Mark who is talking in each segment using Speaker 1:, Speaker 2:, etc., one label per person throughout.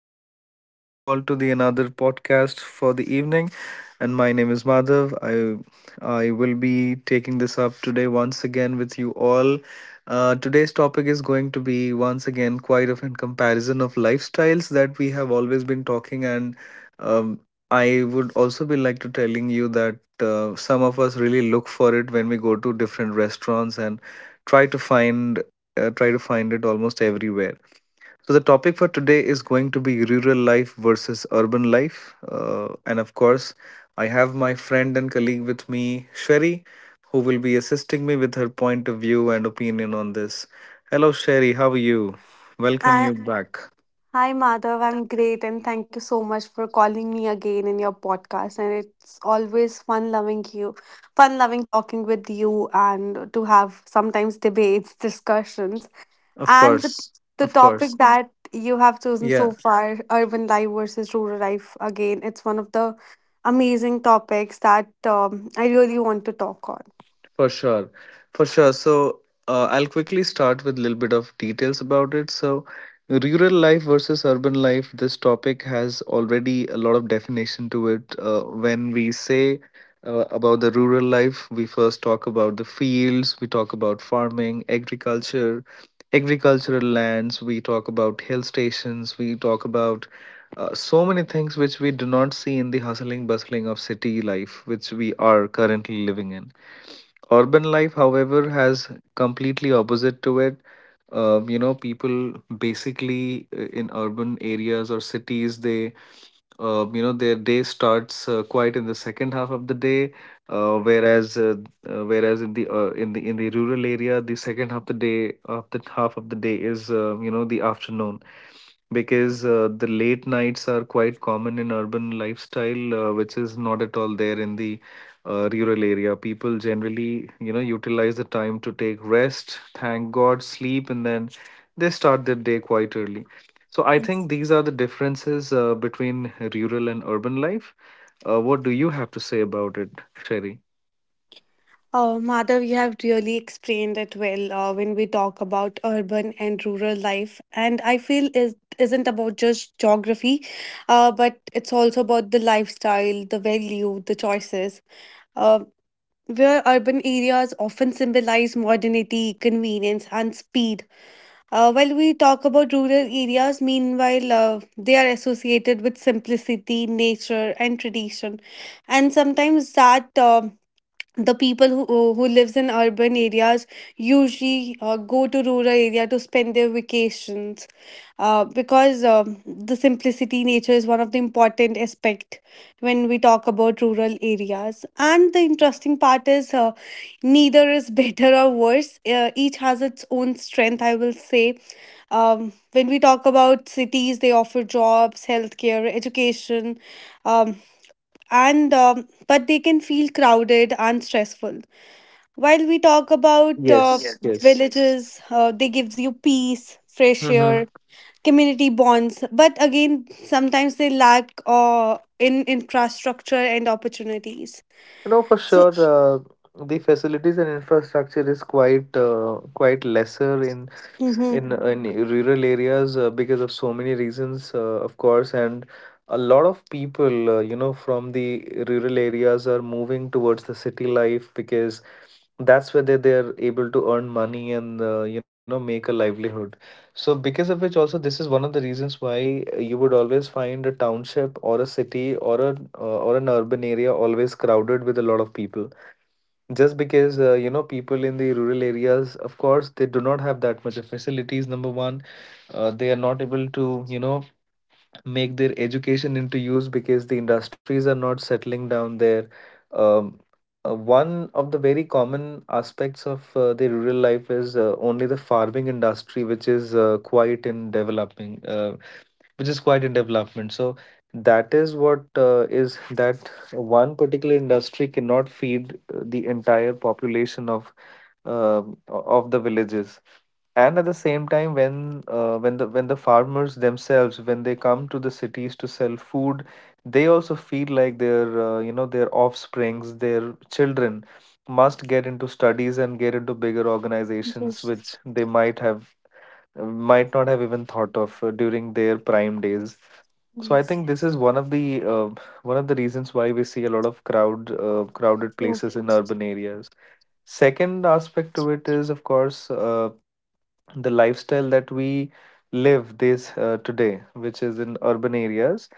Speaker 1: I welcome you all to the another podcast for the evening, and my name is Madhav. I will be taking this up today once again with you all. Today's topic is going to be once again quite of a comparison of lifestyles that we have always been talking, and um, I would also be like to telling you that some of us really look for it when we go to different restaurants and try to find try to find it almost everywhere. So, the topic for today is going to be rural life versus urban life. And of course, I have my friend and colleague with me, Sherry, who will be assisting me with her point of view and opinion on this. Hello, Sherry. How are you? Welcome
Speaker 2: Uh,
Speaker 1: you back.
Speaker 2: Hi, Madhav. I'm great, and thank you so much for calling me again in your podcast. And it's always fun loving talking with you, and to have sometimes debates, discussions,
Speaker 1: Of
Speaker 2: and the,
Speaker 1: course.
Speaker 2: the
Speaker 1: Of
Speaker 2: topic
Speaker 1: course.
Speaker 2: that you have chosen so
Speaker 1: Yeah.
Speaker 2: far, urban life versus rural life. Again, it's one of the amazing topics that I really want to talk on.
Speaker 1: For sure. For sure. So I'll quickly start with a little bit of details about it. So rural life versus urban life, this topic has already a lot of definition to it. When we say about the rural life, we first talk about the fields, we talk about farming, agriculture, agricultural lands, we talk about hill stations, we talk about so many things which we do not see in the hustling bustling of city life, which we are currently living in. Urban life, however, has completely opposite to it. You know, people basically in urban areas or cities, they you know, their day starts quite in the second half of the day, whereas whereas in the in the in the rural area, the second half of the day of the half of the day is you know, the afternoon, because the late nights are quite common in urban lifestyle, which is not at all there in the rural area. People generally, you know, utilize the time to take rest, thank god, sleep, and then they start their day quite early. So I
Speaker 2: Yes.
Speaker 1: think these are the differences between rural and urban life. What do you have to say about it, Sherry?
Speaker 2: Madhav, you have really explained it well when we talk about urban and rural life, and I feel it isn't about just geography, but it's also about the lifestyle, the value, the choices. Uh, where urban areas often symbolize modernity, convenience, and speed, while we talk about rural areas, meanwhile, they are associated with simplicity, nature, and tradition. And sometimes that the people who lives in urban areas usually go to rural area to spend their vacations, because the simplicity nature is one of the important aspect when we talk about rural areas. And the interesting part is neither is better or worse. Each has its own strength, I will say. When we talk about cities, they offer jobs, healthcare, education, um, and but they can feel crowded and stressful while we talk about
Speaker 1: Yes, yes.
Speaker 2: villages, they gives you peace, fresh air, community bonds. But again, sometimes they lack in infrastructure and opportunities.
Speaker 1: No, for
Speaker 2: So,
Speaker 1: sure. The facilities and infrastructure is quite quite lesser in
Speaker 2: mm-hmm.
Speaker 1: in rural areas because of so many reasons, of course, and a lot of people, you know, from the rural areas are moving towards the city life because that's where they're able to earn money and you know, make a livelihood. So, because of which, also, this is one of the reasons why you would always find a township or a city or a or an urban area always crowded with a lot of people. Just because you know, people in the rural areas, of course, they do not have that much of facilities. Number one, they are not able to, you know, make their education into use because the industries are not settling down there. Um, one of the very common aspects of the rural life is only the farming industry, which is quite in developing, which is quite in development. So that is what is that one particular industry cannot feed the entire population of of the villages. And at the same time, when when the farmers themselves, when they come to the cities to sell food, they also feel like their you know, their offsprings, their children, must get into studies and get into bigger organizations, which
Speaker 2: Yes,
Speaker 1: they might have might not have even thought of during their prime days. So I
Speaker 2: yes,
Speaker 1: think this is uh, one of the reasons why we see a lot of crowd crowded
Speaker 2: true.
Speaker 1: places in urban areas. Second aspect to it is, of course, the lifestyle that we live this today, which is in urban areas.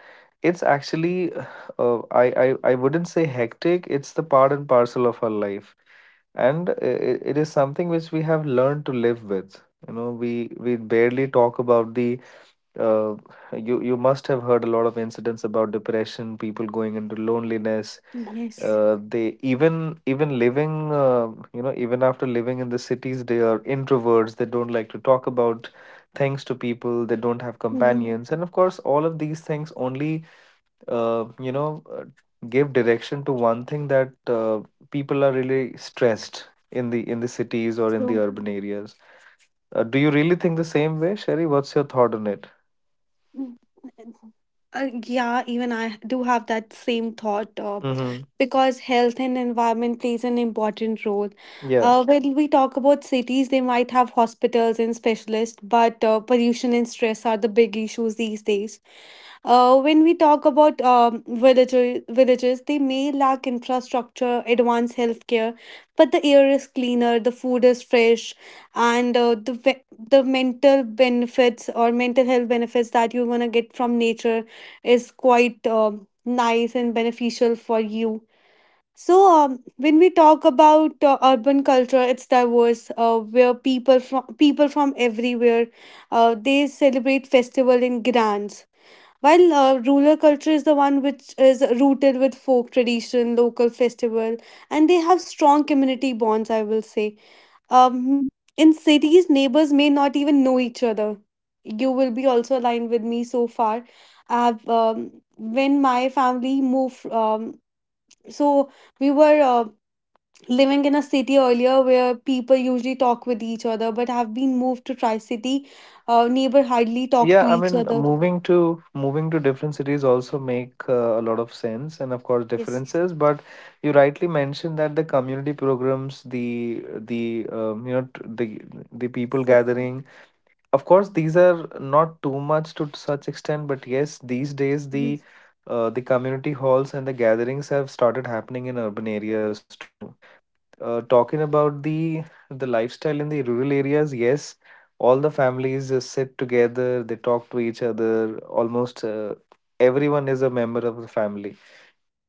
Speaker 1: It's actually, I wouldn't say hectic. It's the part and parcel of our life, and it is something which we have learned to live with. You know, we barely talk about the uh, you you must have heard a lot of incidents about depression, people going into loneliness,
Speaker 2: Yes.
Speaker 1: they even even living you know, even after living in the cities, they are introverts. They don't like to talk about things to people. They don't have
Speaker 2: Mm-hmm.
Speaker 1: companions, and of course all of these things only uh, you know uh, give direction to one thing, that people are really stressed in the cities or in the urban areas. Do you really think the same way, Sherry? What's your thought on it?
Speaker 2: Mm, it's- yeah, even I do have that same thought
Speaker 1: Mm-hmm.
Speaker 2: because health and environment plays an important role.
Speaker 1: Yeah.
Speaker 2: When we talk about cities, they might have hospitals and specialists, but pollution and stress are the big issues these days. When we talk about villages, they may lack infrastructure, advanced healthcare, but the air is cleaner, the food is fresh, and the mental benefits or mental health benefits that you're gonna get from nature is quite nice and beneficial for you. So, when we talk about urban culture, it's diverse. Where people from everywhere, they celebrate festival in grands while rural culture is the one which is rooted with folk tradition, local festival, and they have strong community bonds, I will say. Um, in cities, neighbors may not even know each other. You will be also aligned with me so far. When my family moved, so we were living in a city earlier where people usually talk with each other, but have been moved to Tri City. Neighbor hardly talk
Speaker 1: Yeah,
Speaker 2: to
Speaker 1: I
Speaker 2: each
Speaker 1: mean,
Speaker 2: other.
Speaker 1: moving to moving to different cities also make a lot of sense, and of course
Speaker 2: Yes.
Speaker 1: differences. But you rightly mentioned that the community programs, the the um, you know t- the the people
Speaker 2: So,
Speaker 1: gathering. Of course, these are not too much to such extent, but yes, these days the community halls and the gatherings have started happening in urban areas too. Talking about the lifestyle in the rural areas, yes, all the families sit together, they talk to each other. Almost everyone is a member of the family.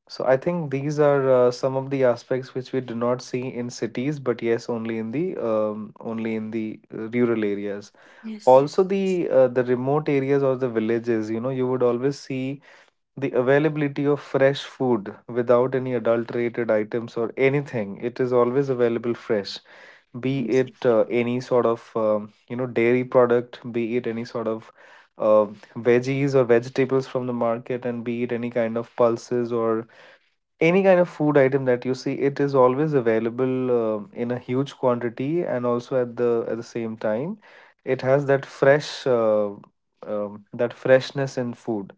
Speaker 1: So I think these are some of the aspects which we do not see in cities, but yes, only in the rural areas.
Speaker 2: yes.
Speaker 1: Also, the remote areas or the villages, you know, you would always see the availability of fresh food without any adulterated items or anything. It is always available fresh, be it any sort of you know, dairy product, be it any sort of uh, veggies or vegetables from the market, and be it any kind of pulses or any kind of food item that you see, it is always available, um, in a huge quantity, and also at the same time, it has that fresh that freshness in food.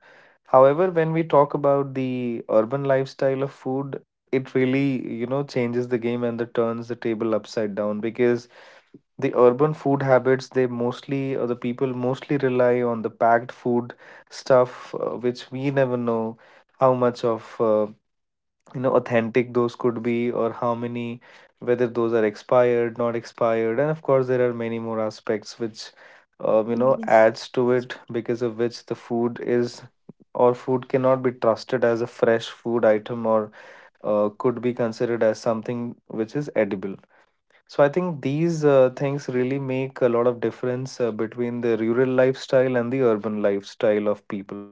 Speaker 1: However, when we talk about the urban lifestyle of food, it really, you know, changes the game and the turns the table upside down, because the urban food habits, they mostly, or the people mostly rely on the packed food stuff, which we never know how much of, you know, authentic those could be, or how many, whether those are expired, not expired. And of course, there are many more aspects which, you know,
Speaker 2: Yes.
Speaker 1: adds to it, because of which the food is or food cannot be trusted as a fresh food item or could be considered as something which is edible. So I think these things really make a lot of difference between the rural lifestyle and the urban lifestyle of people.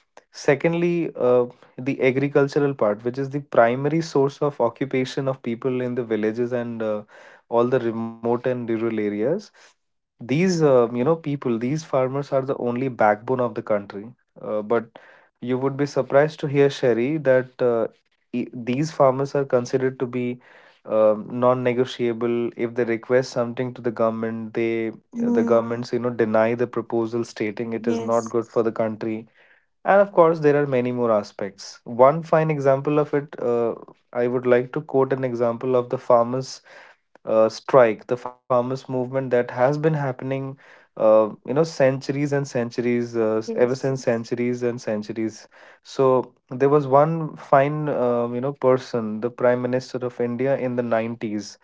Speaker 1: Secondly, the agricultural part, which is the primary source of occupation of people in the villages and all the remote and rural areas. These, you know, people, these farmers are the only backbone of the country. But you would be surprised to hear, Sherry, that these farmers are considered to be non-negotiable. If they request something to the government, the
Speaker 2: Mm,
Speaker 1: governments, you know, deny the proposal, stating it is not
Speaker 2: yes.
Speaker 1: good for the country. And of course, there are many more aspects. One fine example of it, I would like to quote an example of the farmers' strike, the farmers' movement that has been happening, ever since
Speaker 2: Yes.
Speaker 1: centuries and centuries. So there was one fine, you know, person, the Prime Minister of India in the 90s.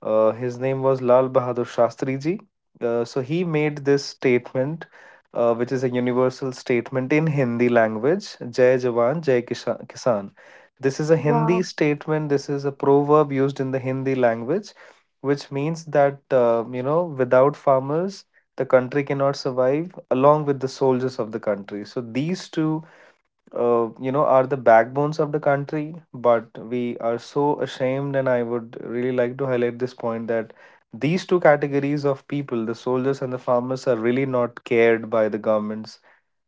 Speaker 1: His name was Lal Bahadur Shastri ji. So he made this statement, which is a universal statement in Hindi language, Jai Jawan, Kisan. This is a Hindi
Speaker 2: Wow.
Speaker 1: statement, this is a proverb used in the Hindi language, which means that, you know, without farmers, the country cannot survive, along with the soldiers of the country. So these two, you know, are the backbones of the country, but we are so ashamed. And I would really like to highlight this point, that these two categories of people, the soldiers and the farmers, are really not cared by the governments.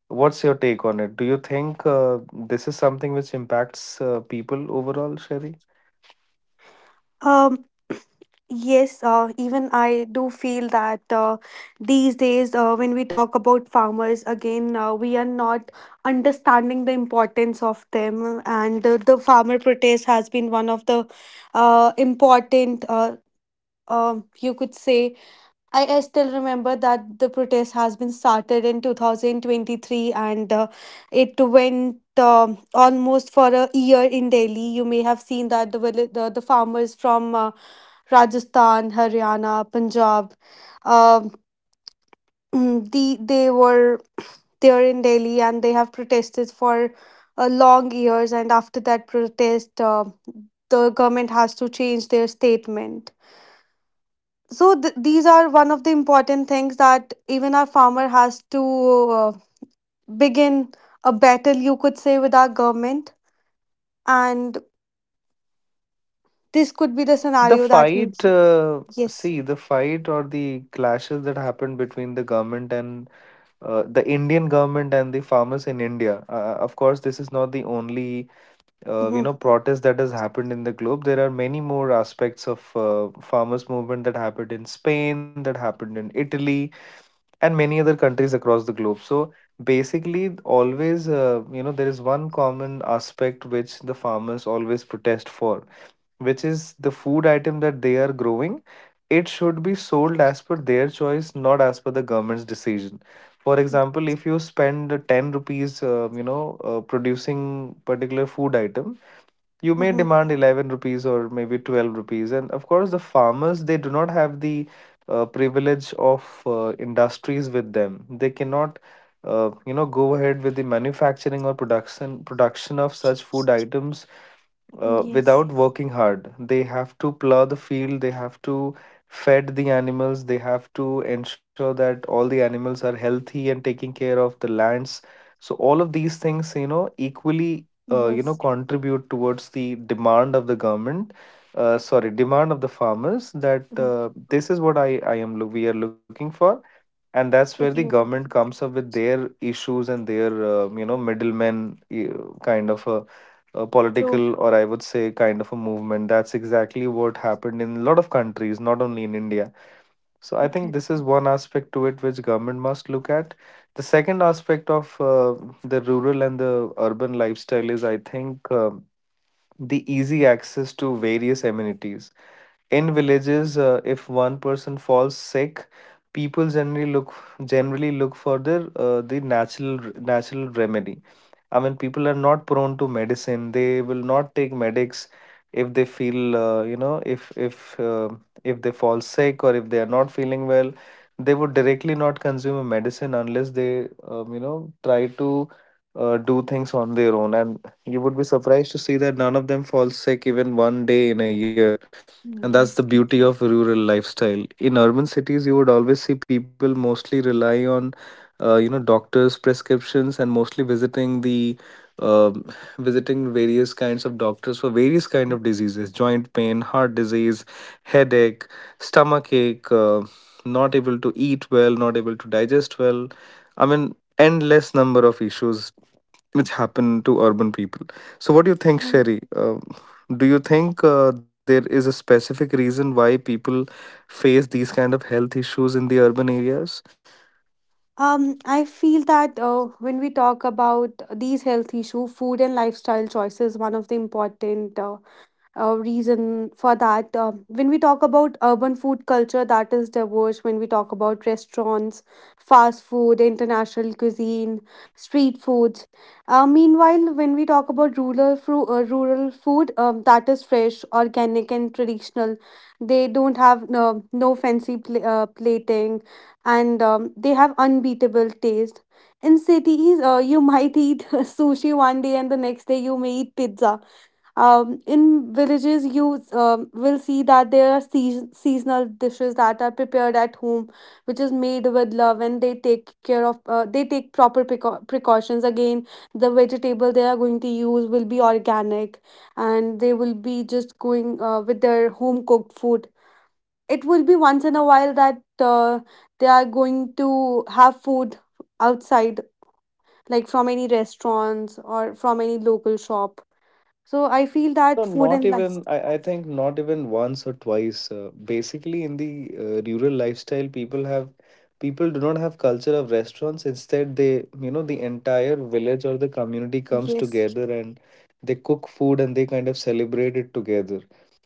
Speaker 1: What's your take on it? Do you think this is something which impacts people overall, Sherry?
Speaker 2: Um. Yes. Even I do feel that these days, when we talk about farmers again, we are not understanding the importance of them, and the farmer protest has been one of the important you could say, I still remember that the protest has been started in 2023 and it went almost for a year in Delhi. You may have seen that the farmers from Rajasthan, Haryana, Punjab, um they were there in Delhi and they have protested for long years. And after that protest, the government has to change their statement, so these are one of the important things that even our farmer has to begin a battle, you could say, with our government, and this could be the
Speaker 1: The
Speaker 2: scenario that we.
Speaker 1: fight,
Speaker 2: Yes.
Speaker 1: see, the fight or the clashes that happened between the government and the Indian government and the farmers in India. Of course, this is not the only
Speaker 2: Mm-hmm.
Speaker 1: protest that has happened in the globe. There are many more aspects of farmers movement that happened in Spain, that happened in Italy and many other countries across the globe. So basically, always, there is one common aspect which the farmers always protest for, which is the food item that they are growing. It should be sold as per their choice, not as per the government's decision. For example, if you spend 10 rupees producing particular food item, you may
Speaker 2: Mm-hmm.
Speaker 1: demand 11 rupees or maybe 12 rupees. And of course, the farmers, they do not have the privilege of industries with them. They cannot go ahead with the manufacturing or production of such food items
Speaker 2: Yes,
Speaker 1: without working hard. They have to plow the field, they have to fed the animals, they have to ensure that all the animals are healthy and taking care of the lands. So all of these things, you know, equally
Speaker 2: yes.
Speaker 1: contribute towards the demand of the government, sorry, demand of the farmers, that
Speaker 2: Mhm.
Speaker 1: this is what we are looking for. And that's where the
Speaker 2: Definitely.
Speaker 1: government comes up with their issues and their middlemen, kind of a
Speaker 2: True.
Speaker 1: political, or I would say, kind of a movement. That's exactly what happened in a lot of countries, not only in India. So I think
Speaker 2: Okay.
Speaker 1: this is one aspect to it which government must look at. The second aspect of the rural and the urban lifestyle is, I think, the easy access to various amenities. In villages, if one person falls sick, people generally look for the uh, the natural natural remedy. I mean, people are not prone to medicine. They will not take medics if they feel, if uh, if they fall sick or if they are not feeling well, they would directly not consume a medicine unless they try to do things on their own. And you would be surprised to see that none of them fall sick even one day in a year. And
Speaker 2: Mm,
Speaker 1: that's the
Speaker 2: yes.
Speaker 1: beauty of rural lifestyle. In urban cities, you would always see people mostly rely on doctors prescriptions, and mostly visiting the um, visiting various kinds of doctors for various kind of diseases: joint pain, heart disease, headache, stomach ache, not able to eat well, not able to digest well. I mean, endless number of issues which happen to urban people. So what do you think,
Speaker 2: Mm.
Speaker 1: Sherry? Do you think there is a specific reason why people face these kind of health issues in the urban areas?
Speaker 2: um I feel that when we talk about these health issue, food and lifestyle choice is one of the important reason for that. When we talk about urban food culture, that is diverse. When we talk about restaurants, fast food, international cuisine, street foods. Meanwhile, when we talk about rural rural food, that is fresh, organic, and traditional. They don't have no, no fancy plating, and they have unbeatable taste. In cities, you might eat sushi one day, and the next day you may eat pizza. In villages, you will see that there are seasonal dishes that are prepared at home, which is made with love, and they take care of. They take proper precautions. Again, the vegetable they are going to use will be organic, and they will be just going with their home cooked food. It will be once in a while that they are going to have food outside, like from any restaurants or from any local shop. So I feel
Speaker 1: No,
Speaker 2: that food
Speaker 1: not
Speaker 2: and life.
Speaker 1: even. I think not even once or twice. Basically, in the rural lifestyle, people do not have culture of restaurants. Instead, they, you know, the entire village or the community comes
Speaker 2: Yes,
Speaker 1: together and they cook food and they kind of celebrate it together.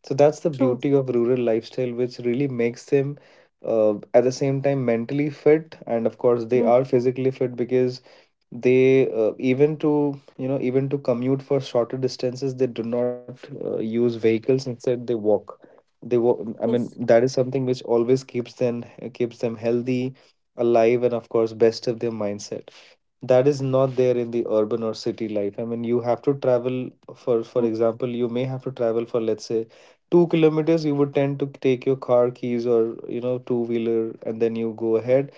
Speaker 1: So that's the
Speaker 2: true.
Speaker 1: beauty of rural lifestyle, which really makes them at the same time mentally fit. And of course they
Speaker 2: Mm,
Speaker 1: are physically fit because they, even to, you know, even to commute for shorter distances, they do not use vehicles. Instead they walk they walk. I mean,
Speaker 2: yes.
Speaker 1: that is something which always keeps them healthy, alive, and of course best of their mindset. That is not there in the urban or city life. I mean, you have to travel for
Speaker 2: Mm,
Speaker 1: example, you may have to travel for, let's say, 2 kilometers. You would tend to take your car keys or, you know, two wheeler, and then you go ahead.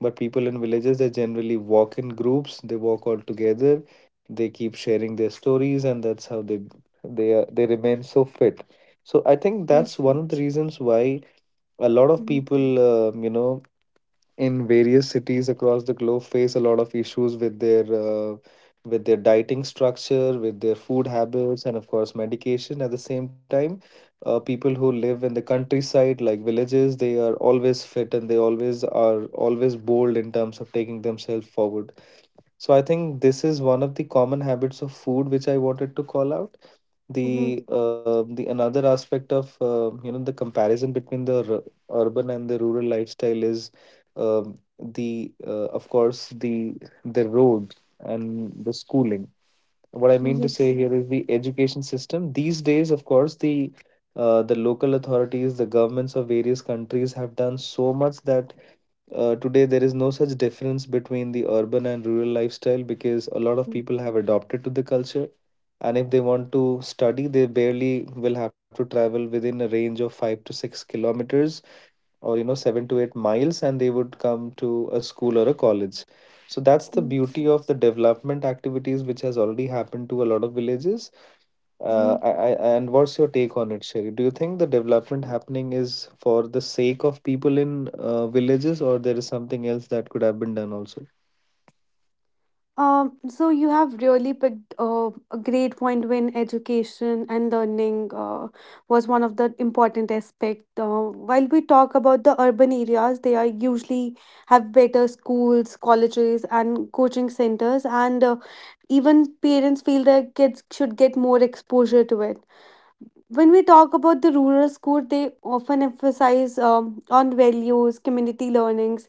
Speaker 1: But people in villages, they generally walk in groups, they walk all together, they keep sharing their stories, and that's how they they remain so fit. So I think that's
Speaker 2: yes.
Speaker 1: one of the reasons why a lot of
Speaker 2: Mm,
Speaker 1: people, um, you know, in various cities across the globe face a lot of issues with their dieting structure, with their food habits, and of course medication at the same time. People who live in the countryside like villages, they are always fit and they always bold in terms of taking themselves forward. So I think this is one of the common habits of food which I wanted to call out.
Speaker 2: mhm,
Speaker 1: The the another aspect of, the comparison between the urban and the rural lifestyle is the of course, the road and the schooling. What I mean to say
Speaker 2: yes.
Speaker 1: here is the education system these days. Of course, the local authorities, the governments of various countries have done so much that today there is no such difference between the urban and rural lifestyle, because a lot of
Speaker 2: Mm,
Speaker 1: people have adopted to the culture. And if they want to study, they barely will have to travel within a range of 5 to 6 kilometers or, you know, 7 to 8 miles, and they would come to a school or a college. So that's the
Speaker 2: yes.
Speaker 1: beauty of the development activities which has already happened to a lot of villages. uh,
Speaker 2: Mhm.
Speaker 1: I, I, and what's your take on it, Sherry? Do you think the development happening is for the sake of people in villages, or there is something else that could have been done also?
Speaker 2: So you have really picked a great point when education and learning was one of the important aspect. While we talk about the urban areas, they are usually have better schools, colleges, and coaching centers, and even parents feel their kids should get more exposure to it when we talk about the rural school, they often emphasize on values, community learnings,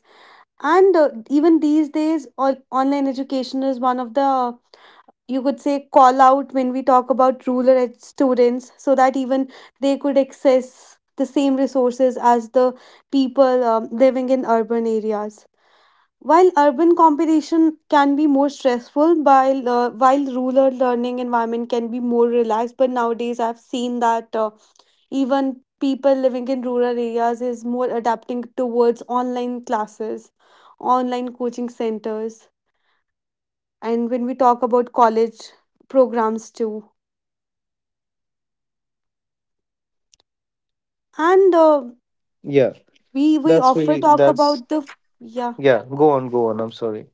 Speaker 2: and even these days, all, online education is one of the, you could say, call out when we talk about rural students, so that even they could access the same resources as the people living in urban areas. While urban competition can be more stressful, while rural learning environment can be more relaxed, but nowadays I've seen that. Even people living in rural areas is more adapting towards online classes, online coaching centers, and when we talk about college programs too. And
Speaker 1: Yeah,
Speaker 2: we
Speaker 1: that's
Speaker 2: often
Speaker 1: really,
Speaker 2: talk
Speaker 1: that's,
Speaker 2: about the. Yeah.
Speaker 1: yeah, go on, go on, I'm sorry.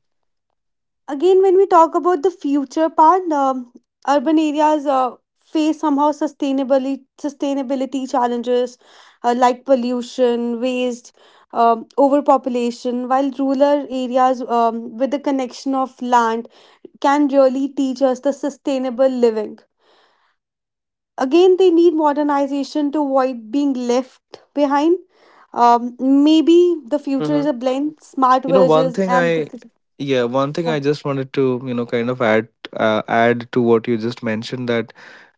Speaker 2: Again, when we talk about the future part, urban areas face somehow sustainability challenges like pollution, waste, overpopulation, while rural areas with the connection of land can really teach us the sustainable living. Again, they need modernization to avoid being left behind. Maybe the future is a blend, smart
Speaker 1: You know, one
Speaker 2: villages
Speaker 1: thing
Speaker 2: and
Speaker 1: I
Speaker 2: the.
Speaker 1: yeah, one thing
Speaker 2: Yeah.
Speaker 1: I just wanted to, you know, kind of add, add to what you just mentioned, that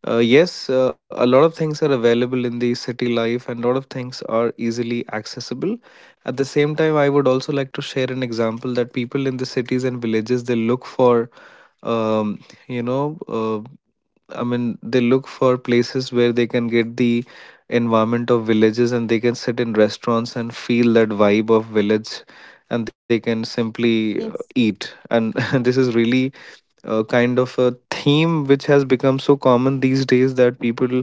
Speaker 1: yes, a lot of things are available in the city life, and a lot of things are easily accessible. At the same time, I would also like to share an example that people in the cities and villages, they look for um, you know uh, I mean, they look for places where they can get the environment of villages and they can sit in restaurants and feel that vibe of village, and they can simply
Speaker 2: Yes.
Speaker 1: eat. And this is really kind of a theme which has become so common these days that people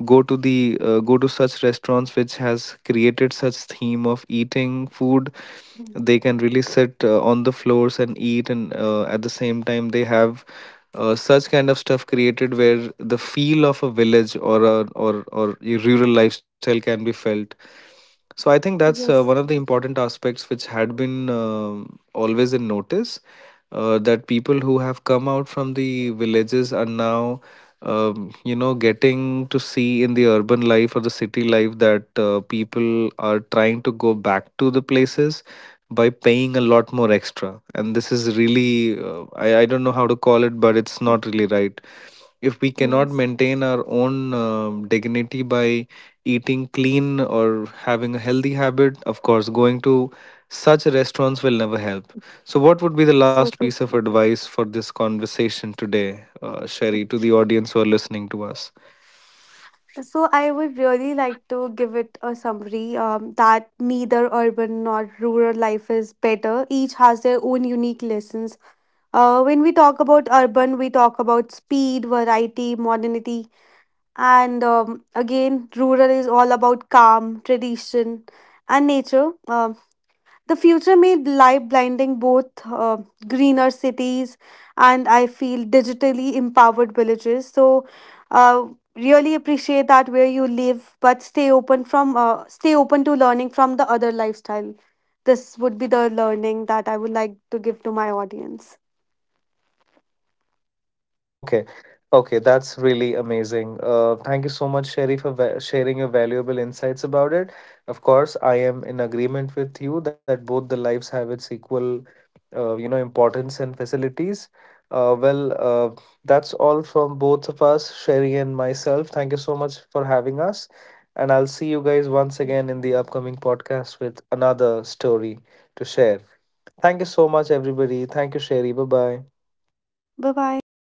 Speaker 1: go to the go to such restaurants which has created such theme of eating food.
Speaker 2: Mm.
Speaker 1: They can really sit on the floors and eat, and at the same time they have such kind of stuff created where the feel of a village or a or or a rural lifestyle can be felt. So I think that's one
Speaker 2: Yes.
Speaker 1: of the important aspects which had been always in notice, that people who have come out from the villages are now, getting to see in the urban life or the city life, that people are trying to go back to the places by paying a lot more extra. And this is really, I don't know how to call it, but it's not really right if we cannot
Speaker 2: Yes.
Speaker 1: maintain our own dignity by eating clean or having a healthy habit. Of course, going to such restaurants will never help. So what would be the last
Speaker 2: So,
Speaker 1: piece
Speaker 2: to,
Speaker 1: of advice for this conversation today, Sherry, to the audience who are listening to us?
Speaker 2: so, I would really like to give it a summary that neither urban nor rural life is better. Each has their own unique lessons. When we talk about urban, we talk about speed, variety, modernity, and again, rural is all about calm, tradition, and nature. The future may lie blinding both greener cities and I feel digitally empowered villages. So, uh, really appreciate that where you live, but stay open to learning from the other lifestyle. This would be the learning that I would like to give to my audience.
Speaker 1: Okay. Okay, that's really amazing. Thank you so much, Sherry, for sharing your valuable insights about it. Of course, I am in agreement with you that both the lives have its equal, importance and facilities. Uh, well, uh, that's all from both of us, Sherry and myself. Thank you so much for having us. And I'll see you guys once again in the upcoming podcast with another story to share. Thank you so much, everybody. Thank you, Sherry. Bye bye.
Speaker 2: Bye bye.